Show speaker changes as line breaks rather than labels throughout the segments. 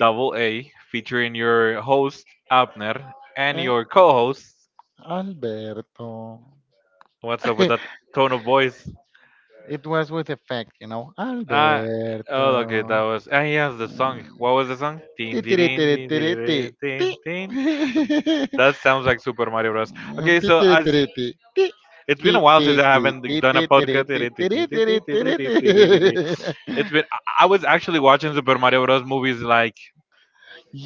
Double A, featuring your host, Abner, and your co host.
Alberto.
What's up with that tone of voice?
It was with effect, you know. Alberto.
Ah, oh, okay, that was. Ah, yes, the song. What was the song? Ding, ding, ding, ding, ding, ding, ding. That sounds like Super Mario Bros. Okay, so as. It's been a while since I haven't done a podcast. It's been. I was actually watching Super Mario Bros. Movies like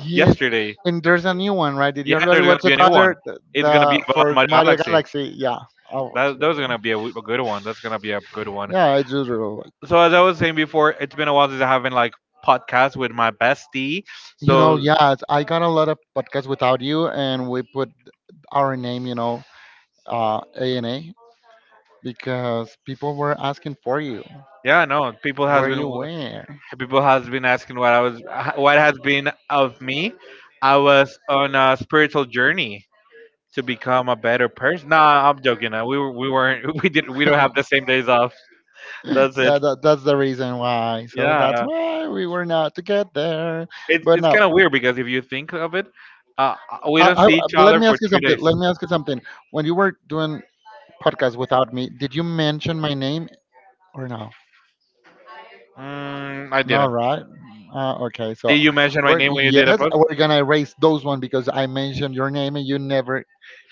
yesterday.
And there's a new one, right? Did
Yeah, there's gonna be a new one.
brother
It's gonna be about Mario
the
Galaxy.
galaxy? Yeah. Oh,
That was gonna be a, a good one. That's gonna be a good one.
yeah, I do.
So as I was saying before, it's been a while since I haven't like podcast with my bestie. So
Yeah, I got a lot of podcasts without you, and we put our name, A and A, because people were asking for you.
yeah, no, people has
Are
been
you where?
people has been asking what I was what has been of me. I was on a spiritual journey to become a better person. Nah, I'm joking. We weren't we don't have the same days off. That's it.
That's the reason why. So that's
Yeah,
why we were not together.
It's kind of weird because if you think of it, we don't
I,
see each
let
other
me
for
ask you
three
something.
days.
Let me ask you something. When you were doing podcast without me, did you mention my name or no?
Mm, I
All
didn't.
right. Okay. So
Did you mention my name when you did a
yes,
podcast?
we're gonna erase those one because I mentioned your name and you never.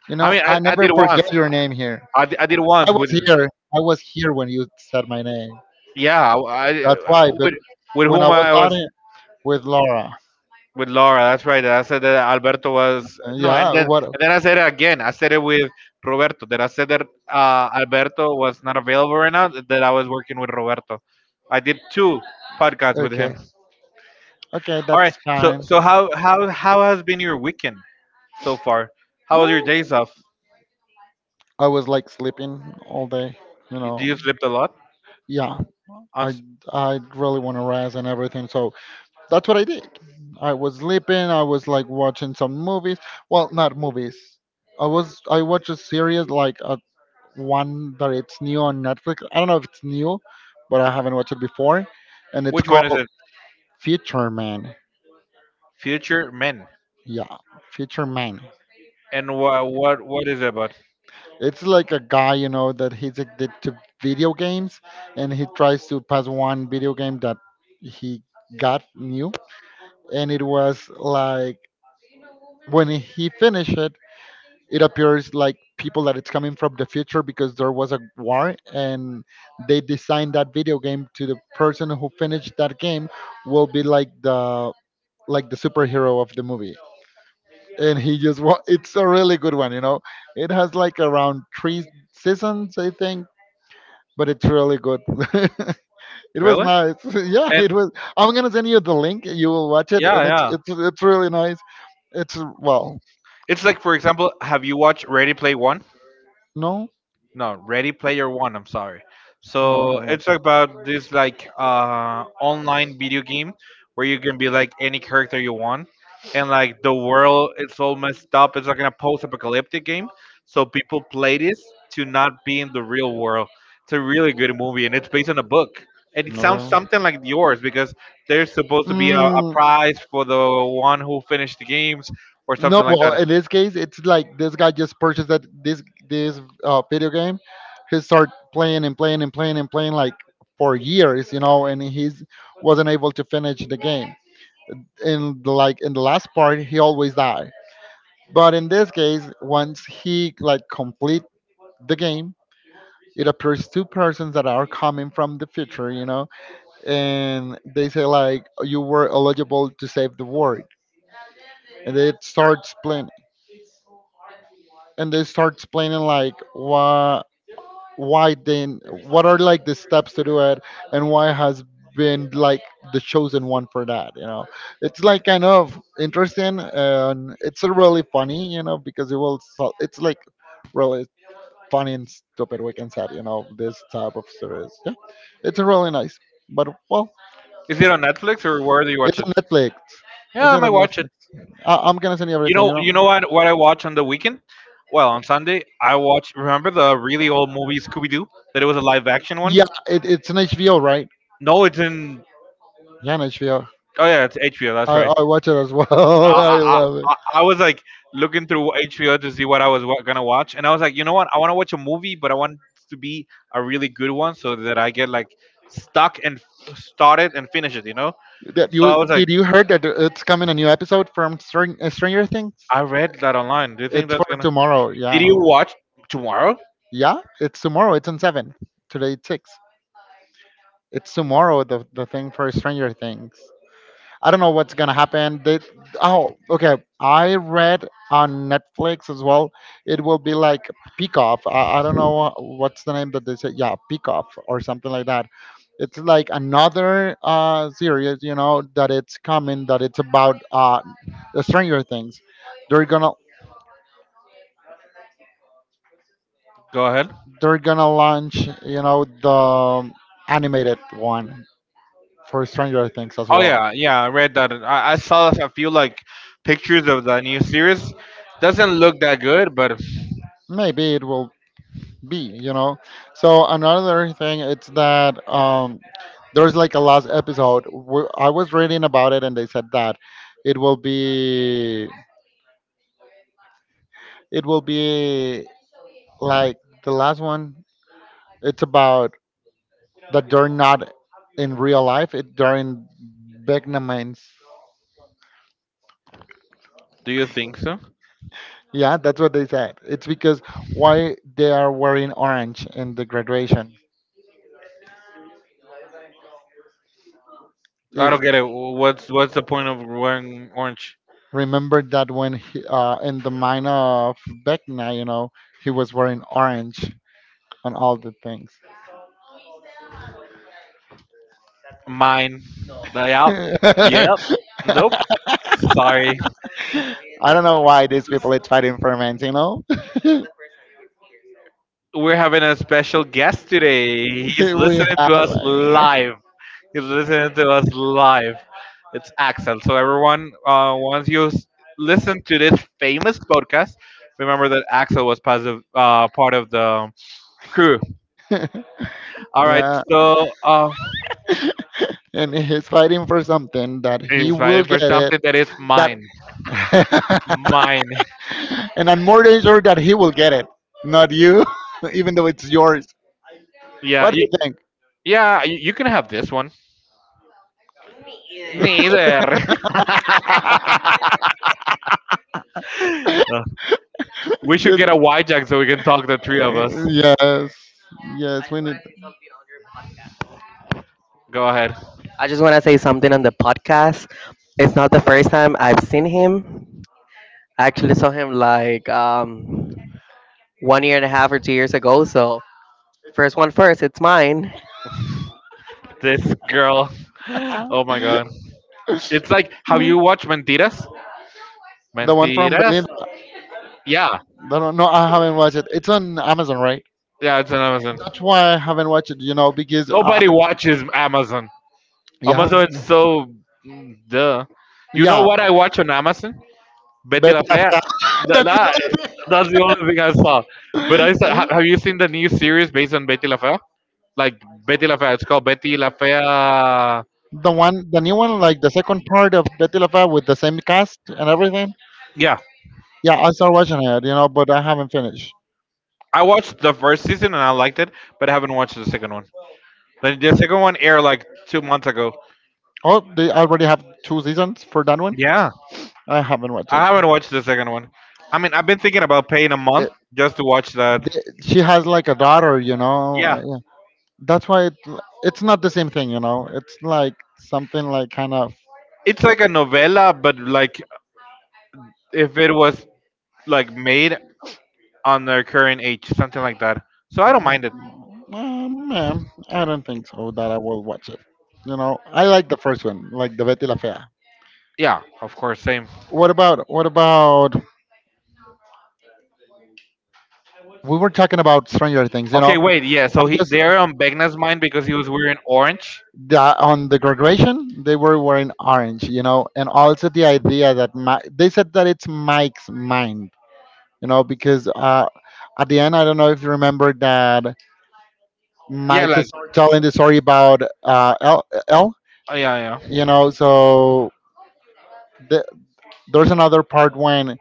You
I
know,
mean,
I
I
never
did
said
once.
your name here.
I did
I
once with
was here. I was here when you said my name.
yeah
That's why. But
with with
when I
whom
was
I
on
was
it with Laura,
with Laura. That's right. I said that Alberto was no,
yeah. What?
and then I said it again. I said it with Roberto. That I said that Alberto was not available right now. That I was working with Roberto. I did two podcasts with him.
Okay.
All right. So how has been your weekend so far? How was your days off?
I was like sleeping all day. You
You- Do
know.
you sleep a lot?
Yeah.
On
I
s-
I really want to rest and everything. So that's what I did. I was sleeping. I was like watching some movies. Well, not movies. I watched a series like a one that it's new on Netflix. I don't know if it's new, but I haven't watched it before, and it's
which one is
called
it?
Future Man.
Future Men.
Yeah, Future Man.
And what is it about?
It's like a guy, you know, that he's addicted to video games, and he tries to pass one video game that he got new, and it was like when he finished it, it appears like people that it's coming from the future, because there was a war and they designed that video game to the person who finished that game will be like the superhero of the movie, and he just it's a really good one, you know. It has like around three seasons, I think, but it's really good. It was
Really?
nice. Yeah,
And
it was. I'm gonna send you the link, you will watch it.
yeah, yeah.
It's really nice. It's well.
It's like, for example, have you watched Ready Play One?
No
No, Ready Player One, I'm sorry. So it's about this like, uh, online video game where you can be like any character you want, and like the world, it's all messed up. It's like in a post-apocalyptic game, so people play this to not be in the real world. It's a really good movie, and it's based on a book, and it sounds something like yours because there's supposed to be a prize for the one who finished the games or
No,
something like
well,
that.
in this case, it's like this guy just purchased that this video game. He started playing and playing and playing and playing like for years, you know, and he's wasn't able to finish the game. Like in the last part, he always died. But in this case, once he like complete the game, it appears two persons that are coming from the future, you know, and they say like you were eligible to save the world, and they start explaining, and they start explaining like why then what are like the steps to do it, and why has been like the chosen one for that, you know. It's like kind of interesting and it's really funny, you know, because it will it's like really funny and stupid, we can say, you know, this type of series. Yeah, it's really nice. But well,
Is it on Netflix or where do you watch
it's
it?
on Netflix.
Yeah,
Is
I
it
might
on
watch it.
Netflix? I'm gonna send you.
You know what? What I watch on the weekend? Well, on Sunday I watch. Remember the really old movie Scooby Doo? That it was a live action one.
Yeah, it's an HBO, right?
No, it's in.
Yeah, on HBO.
Oh yeah, it's HBO. That's right.
I watch it as well. I
I, I,
love
I was like looking through HBO to see what I was gonna watch, and I was like, you know what? I want to watch a movie, but I want it to be a really good one so that I get like stuck and start it and finish it. You know.
it that
So
you.
I was like,
Did you heard that it's coming a new episode from Stranger Things?
I read that online. Do you think
It's for
that's gonna?
tomorrow.
Did
Yeah,
you watch tomorrow?
yeah. It's tomorrow. It's on seven. Today it's six. It's tomorrow. The thing for Stranger Things. I don't know what's gonna happen. Oh, okay. I read on Netflix as well. It will be like Peek Off. I don't know what's the name that they say. Yeah, Peek Off or something like that. It's like another series, you know, that it's coming. That it's about the Stranger Things. They're gonna,
Go ahead.
they're gonna launch, you know, the animated one for Stranger.
Oh yeah, yeah, I read that. I saw a few like pictures of the new series. Doesn't look that good, but
Maybe it will be, you know. So another thing, it's that there's like a last episode. I was reading about it, and they said that it will be, it will be like the last one. It's about that they're not in real life. It they're in Vietnamese.
do you think so?
Yeah, that's what they said. It's because why they are wearing orange in the graduation.
I don't get it. What's the point of wearing orange?
Remember that when in the mine of Vecna, you know, he was wearing orange on all the things.
Mine layout.
I
Yep. Nope. Sorry.
don't know why these people is fighting for men, you know?
We're having a special guest today. He's
We
listening
have.
to us live. He's listening to us live. It's Axel. So everyone, once you s- listen to this famous podcast, remember that Axel was part of the crew. All right.
Yeah.
So
And he's fighting for something that he
he's
will
fighting for
get it.
something that is
That.
mine. Mine.
And I'm more than sure that he will get it, not you, even though it's yours.
Yeah.
What do you
You,
think?
yeah. You can have this one. Neither. Uh, we should
Did-
get a hijack so we can talk the three of us.
yes, yes, we need.
Go ahead.
I just want to say something on the podcast. It's not the first time I've seen him. I actually saw him like one year and a half or 2 years ago. So first one first, it's mine.
This girl.
Ah.
Oh my
The
god. It's like, have you watched Mentiras?
one from
Mentiras.
Berlin.
Yeah,
No, no, I haven't watched it. It's on Amazon, right?
yeah, it's on Amazon.
That's why I haven't watched it. You know, because
Nobody watches Amazon. Amazon is so mm, duh. You know what I watch on Amazon? Betty La Fea. Th- that- that's the only thing I saw. But I saw, have you seen the new series based on Betty La Fea? Like Betty La Fea. It's called Betty La Fea.
the one, the new one, like the second part of Betty LaFave with the same cast and everything.
Yeah.
Yeah, I started watching it, you know, but I haven't finished.
I watched the first season and I liked it, but I haven't watched the second one. The second one aired like 2 months ago.
Oh, they already have two seasons for that one.
Yeah.
I haven't watched.
I haven't watched the second one. I mean, I've been thinking about paying a month
It.
just to watch that.
She has like a daughter, you know.
Yeah,
Yeah, that's why it's not the same thing, you know. It's like something like kind of.
it's like a novella, but like if it was like made on their current age, something like that. So I don't mind it.
Um, yeah, I don't think so that I will watch it. You know, I like the first one, like the Betty La Fea.
Yeah, of course, same.
What about we were talking about Stranger Things, you know.
Okay, wait, yeah.
I
So he
just
they're on Begna's mind because he was wearing orange.
that on the graduation they were wearing orange, you know, and also the idea that my, they said that it's Mike's mind, you know, because at the end I don't know if you remember that
Yeah,
Mike
like
is
oh,
telling the story about L, L,
yeah,
you
yeah,
know, so the, there's another part when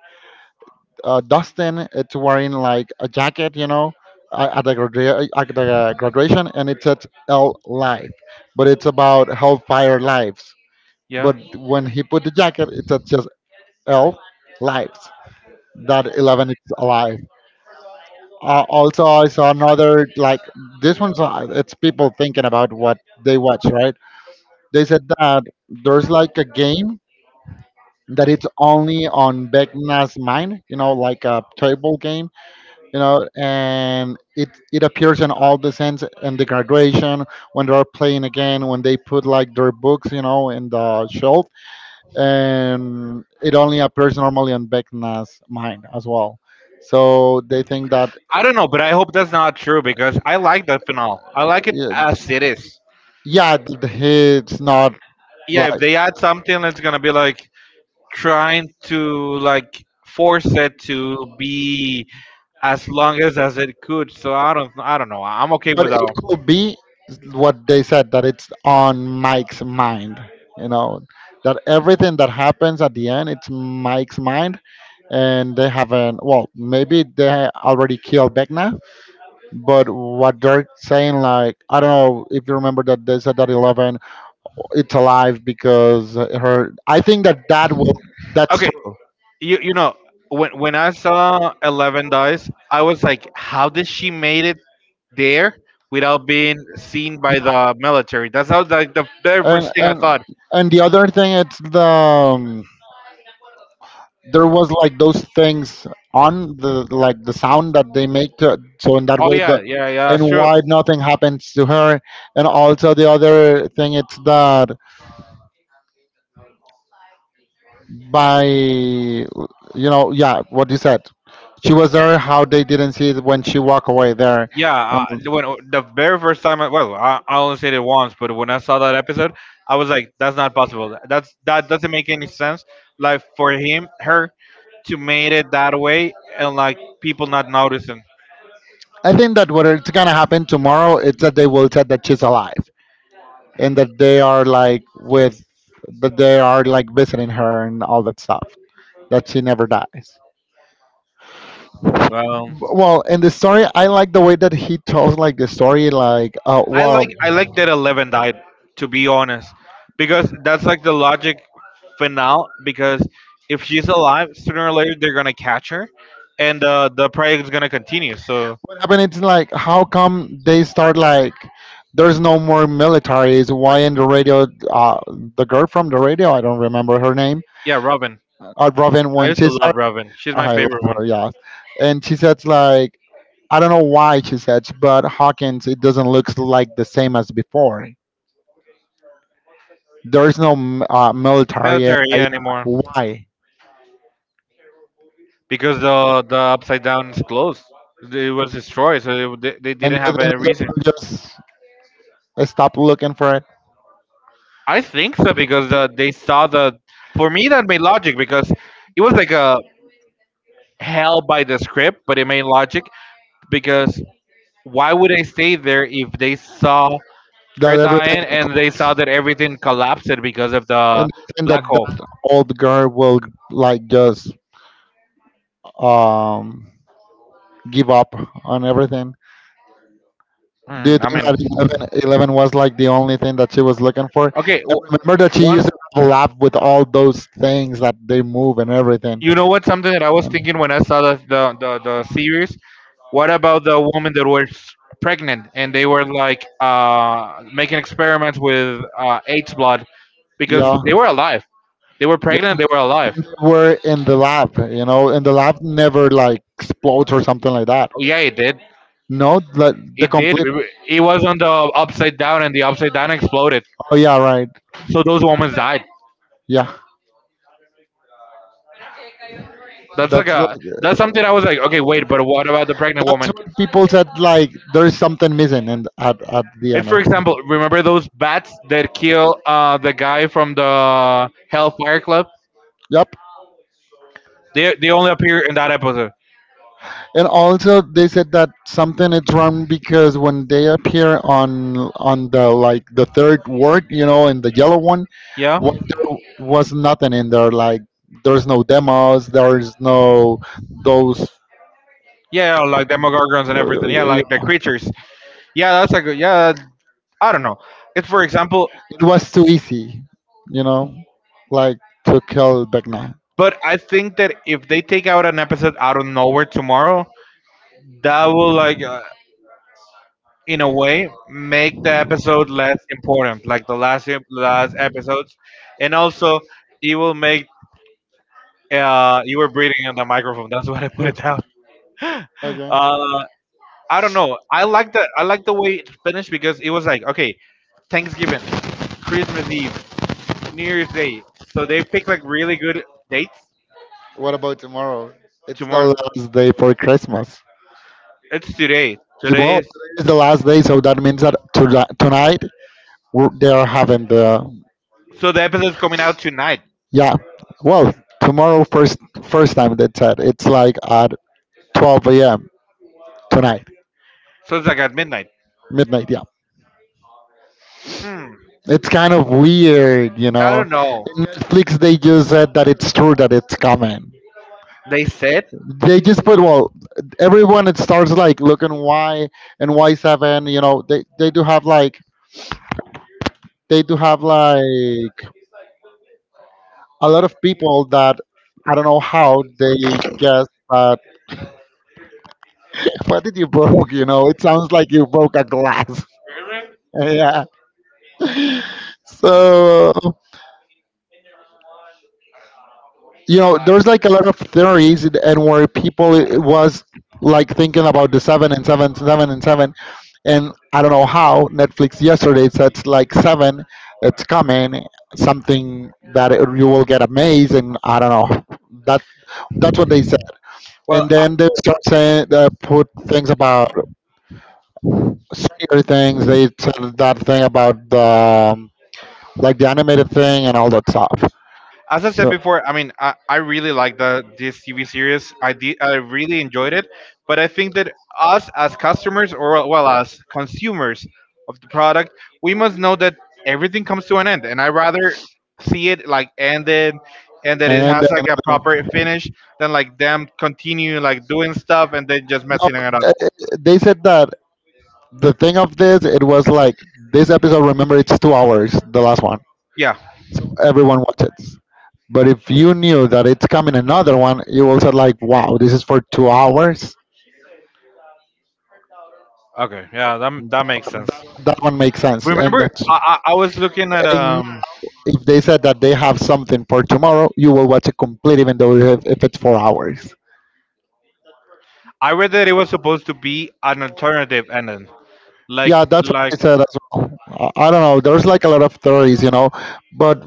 Dustin it's wearing like a jacket, you know, at the, at the graduation, and it says L life, but it's about hellfire lives.
yeah.
But when he put the jacket, it said just elf lives. That Eleven is alive. Also, I saw another like this one's. It's people thinking about what they watch, right? They said that there's like a game that it's only on Vecna's mind, you know, like a table game, you know, and it appears in all the sense in the graduation when they're playing again, when they put like their books, you know, in the shelf, and it only appears normally on Vecna's mind as well. So they think that
I don't know, but I hope that's not true because I like that finale. I like it as it is.
yeah, it's not.
Yeah, if they add something, it's gonna be like trying to like force it to be as long as it could. So I don't know. I'm okay with that
It
one.
could be what they said that it's on Mike's mind. You know that everything that happens at the end it's Mike's mind, and they haven't. Well, maybe they already killed Vecna, but what they're saying, like I don't know if you remember that they said that Eleven it's alive because her I think that that will, that's
Okay,
true.
you know when I saw 11 dies, I was like, how did she made it there without being seen by the military? That's how like the very
and
first thing I
and
thought.
and the other thing it's the there was like those things on the like the sound that they make to, so and that
Oh
was the,
yeah, yeah, yeah,
and
that's true.
why nothing happens to her. And also the other thing it's that by you know yeah what you said she was there, how they didn't see it when she walked away there.
Yeah,
Um,
when the very first time, well, I only said it once, but when I saw that episode, I was like, "That's not possible. That's that doesn't make any sense." Like for him, her to made it that way, and like people not noticing.
I think that what it's gonna happen tomorrow it's that they will said that she's alive, and that they are like with, that they are like visiting her and all that stuff, that she never dies.
Well,
Well, in the story I like the way that he tells like the story like what
I like that 11 died. To be honest, because that's like the logic finale. Because if she's alive, sooner or later they're gonna catch her, and the project is gonna continue. So
happened. It's like how come they start like there's no more militaries, why in the radio the girl from the radio I don't remember her name.
yeah, Robin.
Robin,
I
when
used
she
to love
started
Robin. She's my
I love
favorite one.
her, yeah. And she says like I don't know why she says but Hawkins it doesn't look like the same as before. There is no military.
Military,
Yeah,
yeah, anymore
why?
because the upside down is closed. It was destroyed, so they
And
didn't have
then
any reason.
just stop looking for it.
I think so because they saw the. For me, that made logic because it was like a hell by the script, but it made logic because why would they stay there if they saw her
That everything,
dying and they saw that everything collapsed because of the
and then
black hole?
that old girl will like just um give up on everything. Do you
Mm, I
think
mean,
that 11, eleven was like the only thing that she was looking for?
okay,
I
w-
remember that she
one.
used to collab with all those things that they move and everything.
You know what? Something that I was
And
thinking when I saw the series. What about the woman that was pregnant and they were like making experiments with AIDS blood because
yeah,
they were alive. They were pregnant. They were alive.
we're in the lab, you know, and the lab never like explodes or something like that.
Yeah, it did.
No, like the
It did.
complete.
It was on the upside down, and the upside down exploded.
Oh yeah, right.
So those women died.
Yeah,
That's like a.
like,
That's something I was like, okay, wait, but what about the pregnant
that's
woman?
what people like. There is something missing, and at the
If,
end.
for example, remember those bats that kill the guy from the Hellfire Club?
Yep.
They only appear in that episode.
And also, they said that something is wrong because when they appear on the like the third word, you know, in the yellow one,
Yeah.
there was nothing in there. Like there's no demos. There's no those.
Yeah, yeah, like Demogorgons and everything. Yeah, like the creatures. Yeah, that's a good. Yeah, I don't know. It's for example,
It was too easy, you know, like to kill Beckna.
but I think that if they take out an episode out of nowhere tomorrow, that will like in a way make the episode less important, like the last episodes, and also it will make you were breathing on the microphone. That's what I put it down. Uh, I don't know. I like the way it finished because it was like, okay, Thanksgiving, Christmas Eve, New Year's Day. So they pick like really good dates.
What about tomorrow? It's the
Tomorrow,
last day for Christmas.
it's today. Today
Well,
is
it's the last day, so that means that tonight they are having the
so the episode's coming out tonight.
yeah. Well, tomorrow first time they said it's like at 12 a.m. tonight
So it's like at midnight.
midnight. Yeah,
Hmm.
it's kind of weird,
I don't know.
Netflix they just said that it's true that it's coming.
They said.
They just put well, everyone it starts like looking why and why seven. You know, they do have like they do have like a lot of people that I don't know how they guess that what did you broke? You know, it sounds like you broke a glass. Yeah. So there's like a lot of theories and where people it was like thinking about the seven and seven, and I don't know how Netflix yesterday said like seven, it's coming, something that you will get amazed, and I don't know that that's what they said, and
Well,
then they start saying they put things
uh,
about similar things. They said that thing about the like the animated thing and all that stuff.
as I said before, I mean, I really like the this TV series. I did, I really enjoyed it, but I think that us as customers or well as consumers of the product, we must know that everything comes to an end, and I rather see it like ended and that it has like a
They-
proper finish than like them continue like doing stuff and then just
No,
messing it up.
they they said that the thing of this it was like this episode. Remember, it's 2 hours. The last one,
Yeah.
everyone watches. But if you knew that it's coming another one, you will say like, "Wow, this is for 2 hours."
Okay. Yeah. That that makes
Th-
sense.
That one makes sense, and
Remember,
that's
I was looking at
and
um.
if they said that they have something for tomorrow, you will watch it complete, even though if it's 4 hours.
I read that it was supposed to be an alternative ending. like
Yeah, that's what I
like
said as well. I don't know. There's like a lot of theories, you know, but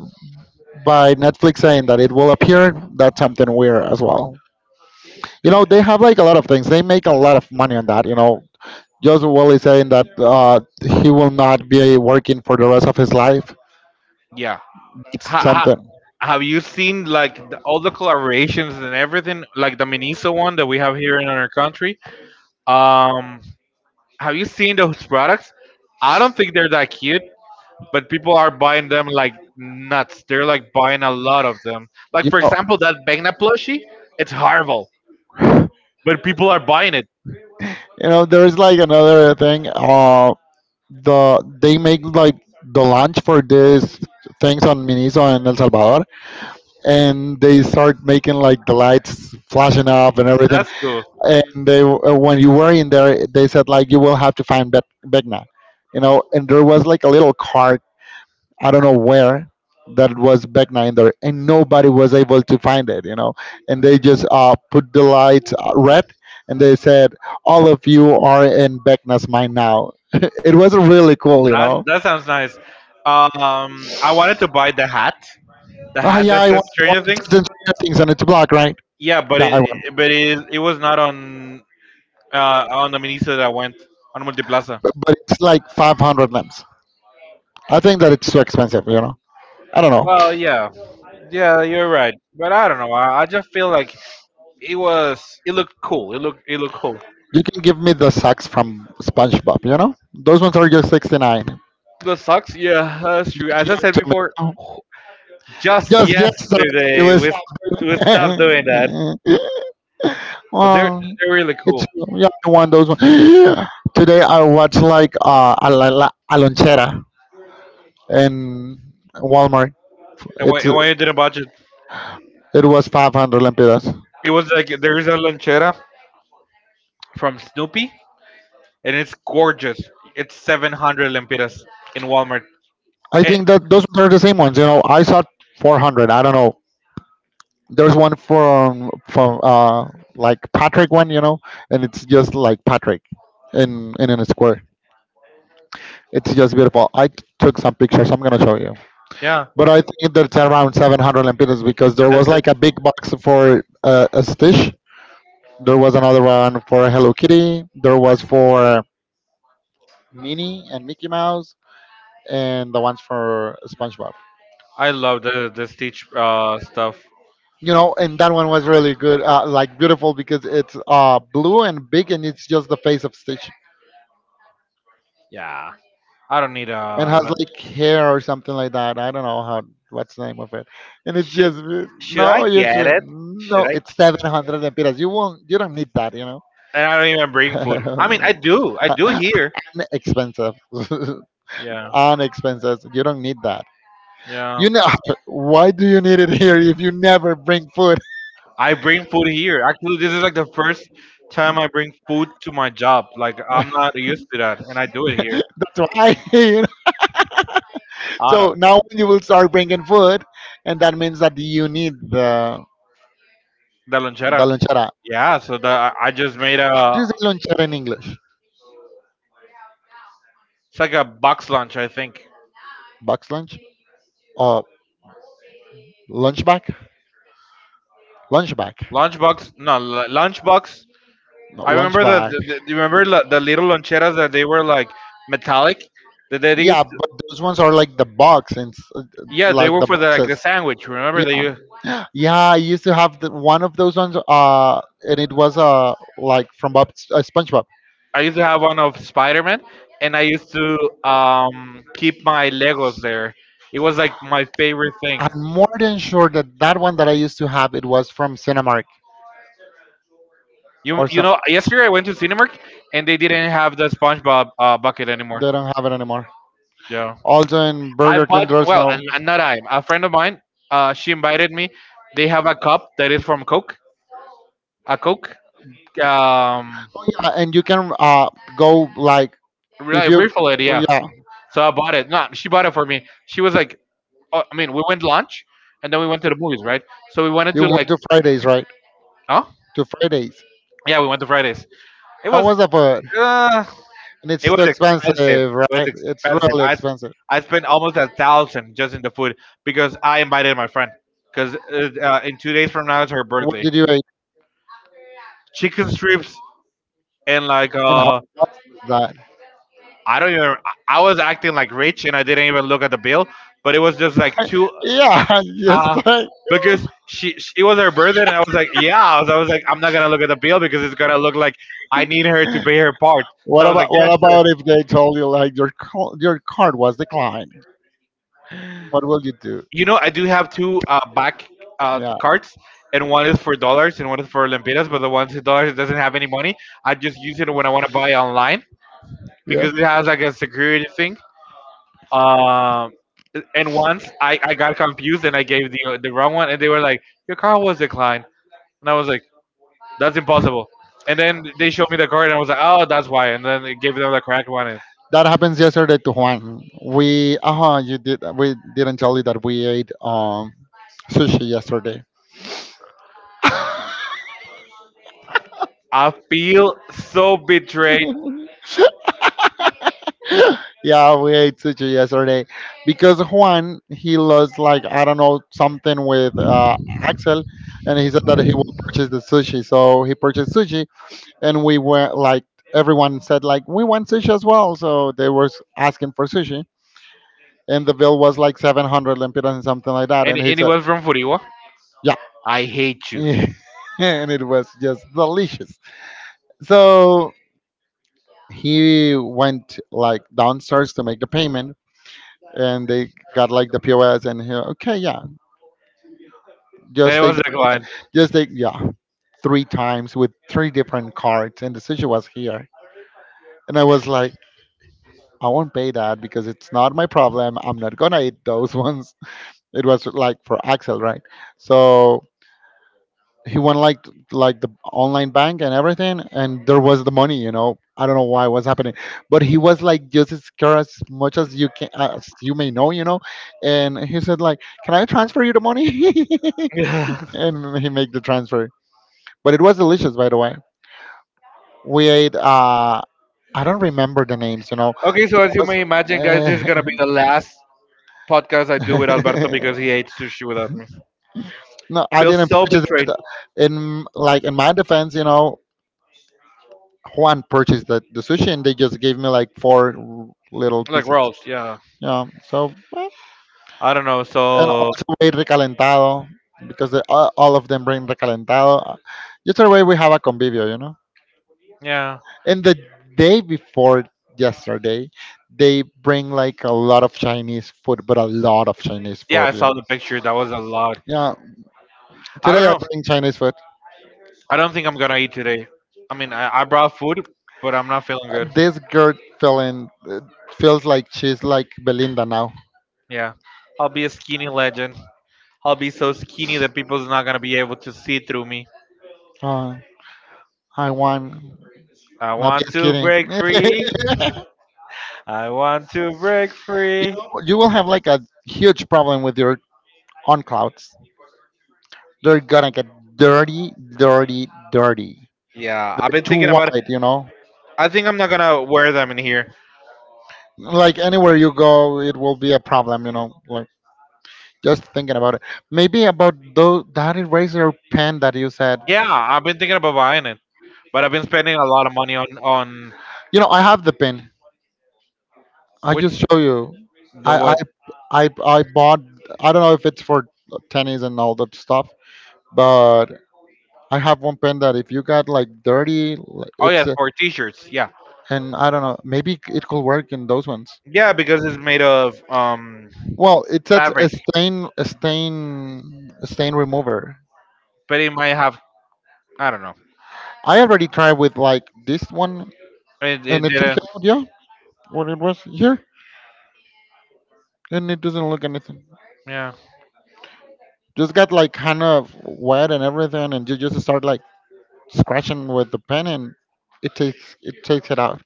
by Netflix saying that it will appear, that's something weird as well. You know, they have like a lot of things. They make a lot of money on that. You know, Joseph Wally saying that he will not be working for the rest of his life.
yeah
It's
ha, ha, have you seen like all the collaborations and everything, like the Miniso one that we have here in our country? um have you seen those products? I don't think they're that cute, but people are buying them like nuts. They're like buying a lot of them. Like for example that Vecna plushie, it's horrible, but people are buying it.
you know, there is like another thing. The they make like the launch for these things on Miniso in El Salvador, and they start making like the lights flashing up and everything.
That's cool.
And they, when you were in there, they said like you will have to find Begna, you know. And there was like a little cart, I don't know where, that was Begna in there, and nobody was able to find it, you know. And they just put the lights red, and they said all of you are in Begna's mind now. It was really cool, you know.
That sounds nice. I wanted to buy the hat, the
Oh
hat
yeah,
that says
I want
Stranger Things.
to do things on its block, right?
Yeah, but it was not on on the minister that went on Multiplaza.
But it's like 500 lamps. I think that it's too expensive, you know. I don't know.
Well, yeah, yeah, you're right. But I don't know. I just feel like it was. It looked cool. It looked cool.
You can give me the socks from SpongeBob, you know? Those ones are just 69. You can
The socks, yeah, that's true.
give
As I
it
said
to me.
before,
Oh,
just
yes, yes, sir. It
yesterday
was.
we stopped doing that. But
Well,
they're really
it's,
cool.
yeah, I want those ones. Today I watched like a lonchera in Walmart.
And when you did a budget,
It was 500 lempiras.
it was like there is a lonchera from Snoopy, and it's gorgeous. It's 700 lempiras in Walmart.
I
Eh,
think that those are the same ones, you know. I saw 400. I don't know. There's one from like Patrick one, you know, and it's just like Patrick in a square. It's just beautiful. Took some pictures. I'm gonna show you.
yeah.
But I think that's around 700 lempiras because there was like a big box for a Stitch. There was another one for Hello Kitty. There was for Minnie and Mickey Mouse, and the ones for SpongeBob.
I love the Stitch stuff.
You know, and that one was really good, like beautiful because it's blue and big, and it's just the face of Stitch,
Yeah, I don't need
and
a.
has like hair or something like that. I don't know how what's the name of it. And it's
Should
just
I
no, you
get
should
it? Should
no.
I?
It's 700 lempiras. You won't. You don't need that. You
And I don't even bring food. I mean, I do. I do
know,
here.
expensive,
Yeah,
on expenses. You don't need that.
yeah.
You know, why do you need it here if you never bring food?
I bring food here. Actually, this is like the first time I bring food to my job. Like I'm not used to that, and I do it here.
That's why. You know?
Adam,
So now you will start bringing food, and that means that you need the
the lonchera.
lonchera.
Yeah. So the I just made
What
a.
is a lonchera in English?
It's like a box lunch, I think.
Box lunch or lunch bag? Lunch bag.
Lunchbox, no, lu- Lunchbox. I remember the you remember the little loncheras that they were like metallic. That they
Yeah,
used,
but those ones are like the box and
yeah, they
like
were
the
for the like
bo-
the sandwich. Remember that you?
yeah. I used to have one of those ones, and it was like from Bob SpongeBob.
I used to have one of Spider Man, and I used to keep my Legos there. It was like my favorite thing.
I'm more than sure that that one that I used to have it was from Cinemark.
You know, yesterday I went to Cinemark and they didn't have the SpongeBob bucket anymore.
They don't have it anymore.
Yeah.
Also in
I
Burger,
bought well, and not I. A friend of mine, she invited me. They have a cup that is from Coke, a Coke. Um,
and you can go like
really refill it, yeah.
yeah,
So I bought it. No, she bought it for me. She was like, oh, I mean, we went lunch, and then we went to the movies, right? So we wanted to
went
like,
to Fridays right
oh,
to Fridays.
yeah, we went to Fridays. It
How
was,
was that for?
uh,
And it's
it was expensive. It was
right. It's
expensive.
really
I
expensive.
I spent almost a thousand just in the food because I invited my friend. Because in 2 days from now it's her
What
birthday.
did you eat?
Chicken strips and like
And how much is that?
I don't even. I was acting like rich and I didn't even look at the bill, but it was just like two
Yeah, yeah,
Uh,
right.
because she it was her birthday and I was like, yeah. I was like, I'm not gonna look at the bill because it's gonna look like I need her to pay her part. So I was like, yeah,
What
sure.
about if they told you like your your card was declined? What will you do?
You know, I do have two back cards, and one is for dollars and one is for lempiras. But the one for dollars it doesn't have any money. I just use it when I want to buy online because it has like a security thing. Um, and once I got confused and I gave the wrong one, and they were like, your card was declined, and I was like. That's impossible. And then they showed me the card, and I was like, oh, that's why. And then they gave them the correct one. And
That happens yesterday to Juan. We uh huh you did we didn't tell you that we ate sushi yesterday.
I feel so betrayed.
Yeah, we ate sushi yesterday because Juan he lost like I don't know something with Axel, and he said that he will purchase the sushi. So he purchased sushi, and we were like everyone said like we want sushi as well. So they were asking for sushi, and the bill was like 700 lempiras and something like that,
And,
and he
and it
said
was from Furiwa. I hate you.
and it was just delicious. So he went like downstairs to make the payment, and they got like the pos, and he, okay yeah,
And
just
it was that one.
just take yeah three times with three different cards, and the sushi was here, and I was like I won't pay that because it's not my problem. I'm not gonna eat those ones. It was like for Axel, right? So he went like the online bank and everything, and there was the money, you know. I don't know why was happening, but he was like just as scared as much as you can as you may know, you know. And he said like can I transfer you the money. And he made the transfer, but it was delicious by the way. We ate I don't remember the names, you know.
okay, so
It
as you may
Was-
imagine, guys, this is gonna be the last podcast I do with Alberto because he hates sushi without me.
No, I
Feel
didn't
so
purchase
betrayed.
it in like in my defense, you know. Juan purchased the sushi, and they just gave me like four little
Like
pieces.
rolls, yeah.
Yeah. So
I don't know.
and
So
also way recalentado because all of them bring recalentado. Just the way we have a convivio, you know.
yeah,
And the day before yesterday, they bring like a lot of Chinese food, but a lot of Chinese.
yeah.
Food.
I saw the picture. That was a lot.
Yeah.
I don't
Today I
know.
bring Chinese food.
I don't think I'm gonna eat today. I mean, I brought food, but I'm not feeling good.
This girl feeling feels like she's like Belinda now.
Yeah, I'll be a skinny legend. I'll be so skinny that people's not gonna be able to see through me.
I want.
I
Not
want
just
to
kidding.
break free. I want to break free.
You will have like a huge problem with your own clouds. They're gonna get dirty, dirty, dirty.
Yeah, I've
They're
been
too
thinking about it.
wide, you know.
I think I'm not gonna wear them in here.
Like anywhere you go, it will be a problem, you know. Like just thinking about it. Maybe about those that eraser pen that you said.
Yeah, I've been thinking about buying it, but I've been spending a lot of money on
You know, I have the pen. I
which
just show you.
the
I I
what?
I, I bought. I don't know if it's for tennis and all that stuff, but I have one pen that if you got like dirty, like,
Oh yeah, for t-shirts. Yeah,
and I don't know, maybe it could work in those ones.
yeah, because it's made of
Well, it's
fabric.
a stain remover.
But it might have. I don't know.
I already tried with like this one,
It
and it took
didn't.
out, yeah, what it was here, and it doesn't look anything.
Yeah.
Just got like kind of wet and everything, and you just start like scratching with the pen, and it takes it out,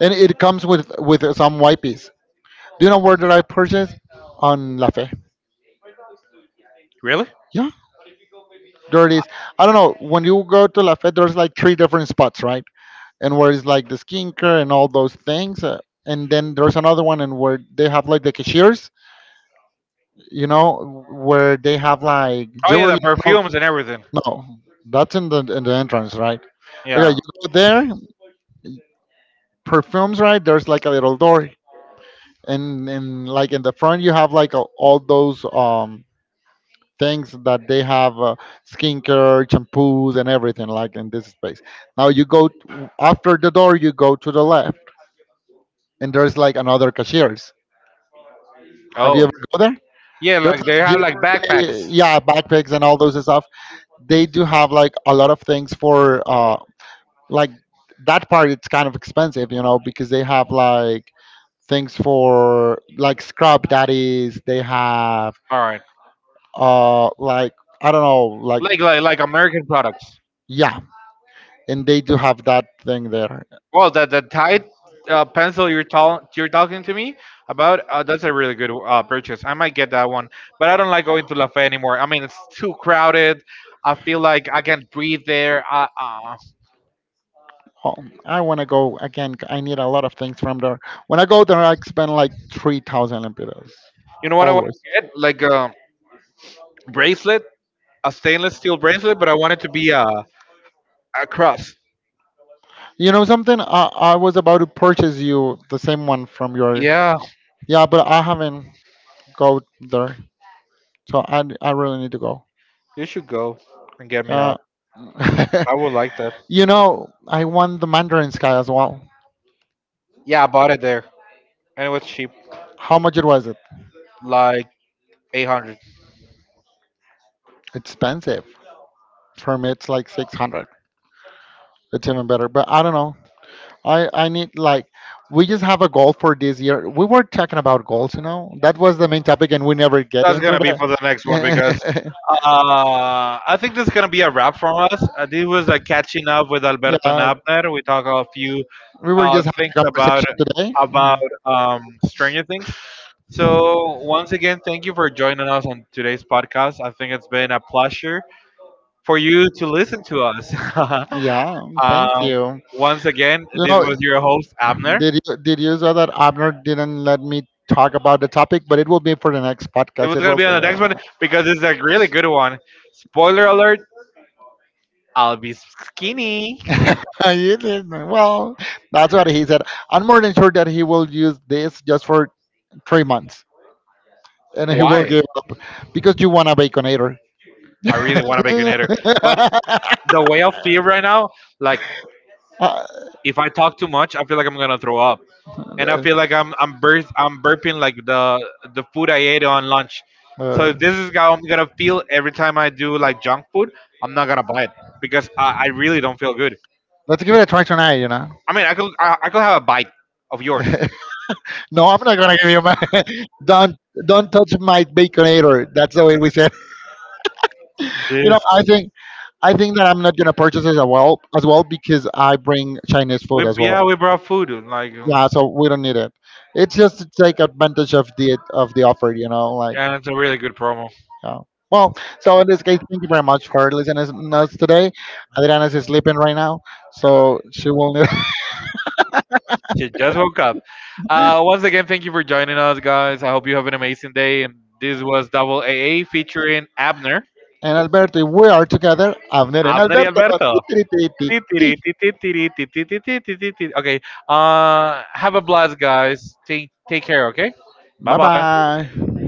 and it comes with some wipes. Do you know where did I purchase on La Fe?
Really?
Yeah, where it is. I don't know. When you go to La Fe, there's like three different spots, right? And where it's like the skincare and all those things. And then there's another one, and where they have like the cashiers, you know, where they have like
Oh yeah, the
jewelry. No,
perfumes and everything.
no, that's in the entrance, right? Okay,
Yeah.
you go there, perfumes, right? There's like a little door, and like in the front you have like a, all those things that they have skincare, shampoos, and everything like in this space. Now you go t- After the door, you go to the left, and there's like another cashiers. Have you
Oh.
ever go there?
Yeah, like they have like backpacks.
Yeah, backpacks and all those stuff. They do have like a lot of things for like that part. It's kind of expensive, you know, because they have like things for like scrub daddies. They have
All right.
uh like I don't know, like
Like American products.
yeah, and they do have that thing there.
Well, that the Tide pencil you're talking to me about that's a really good purchase. I might get that one, but I don't like going to La Fe anymore. I mean, it's too crowded. I feel like I can't breathe there.
Oh, I want to go again. I need a lot of things from there. When I go there, I spend like 3,000 lempiras.
You know what I want to get? Like a bracelet, a stainless steel bracelet, but I want it to be a cross.
You know something? I was about to purchase you the same one from your.
Yeah,
Yeah, but I haven't go there, so I really need to go.
you should go and get me
Uh,
that. I would like that.
you know, I want the Mandarin Sky as well.
Yeah, I bought it there, and it was cheap,
How much it was it?
like 800.
Expensive. For me, it's like 600. It's even better, but I don't know. I need like we just have a goal for this year. We were talking about goals, you know. That was the main topic, and we never get. We
That's gonna be for the next one because I think this is gonna be a wrap from us. This was a catching up with Alberto and Abner. We talk a few
were just having
things
a
about
conversation today.
about Stranger Things. So once again, thank you for joining us on today's podcast. I think it's been a pleasure for you to listen to us.
Yeah, thank
um,
you.
Once again,
You
this
know,
was your host Abner.
Did you saw that Abner didn't let me talk about the topic, but it will be for the next
It
podcast.
was gonna be on the next one because it's a really good one. Spoiler alert: I'll be skinny.
You did Well, that's what he said. I'm more than sure that he will use this just for 3 months, and he will
Why?
give up because you want a baconator.
I really want to be an eater. But the way I feel right now, like if I talk too much, I feel like I'm gonna throw up, and I feel like I'm burping like the food I ate on lunch.
Uh,
So this is how I'm gonna feel every time I do like junk food. I'm not gonna buy it because I really don't feel good.
let's give it a try tonight. You know.
I mean, I could have a bite of yours.
No, I'm not gonna give you my. don't don't touch my baconator. That's the way we said. You
This
know, I think that I'm not gonna purchase it as well because I bring Chinese food
we
as well.
yeah we brought food like
Yeah, so we don't need it. It's just to take advantage of the offer, you know, like
yeah it's a really good promo.
yeah. Well, so in this case, thank you very much for listening to us today. Adriana is sleeping right now, so she will need.
She just woke up. Once again, thank you for joining us, guys. I hope you have an amazing day. And this was Double AA featuring Abner,
And Alberto, we are together. Avner and
Abner y
Alberto.
Alberto. Ti, ti, ri, ti, ti, ti, ri, ti, ti, ti, ti, ti, ti, ti. Okay. Have a blast, guys. Take care. Okay. Bye
Bye
bye.
bye.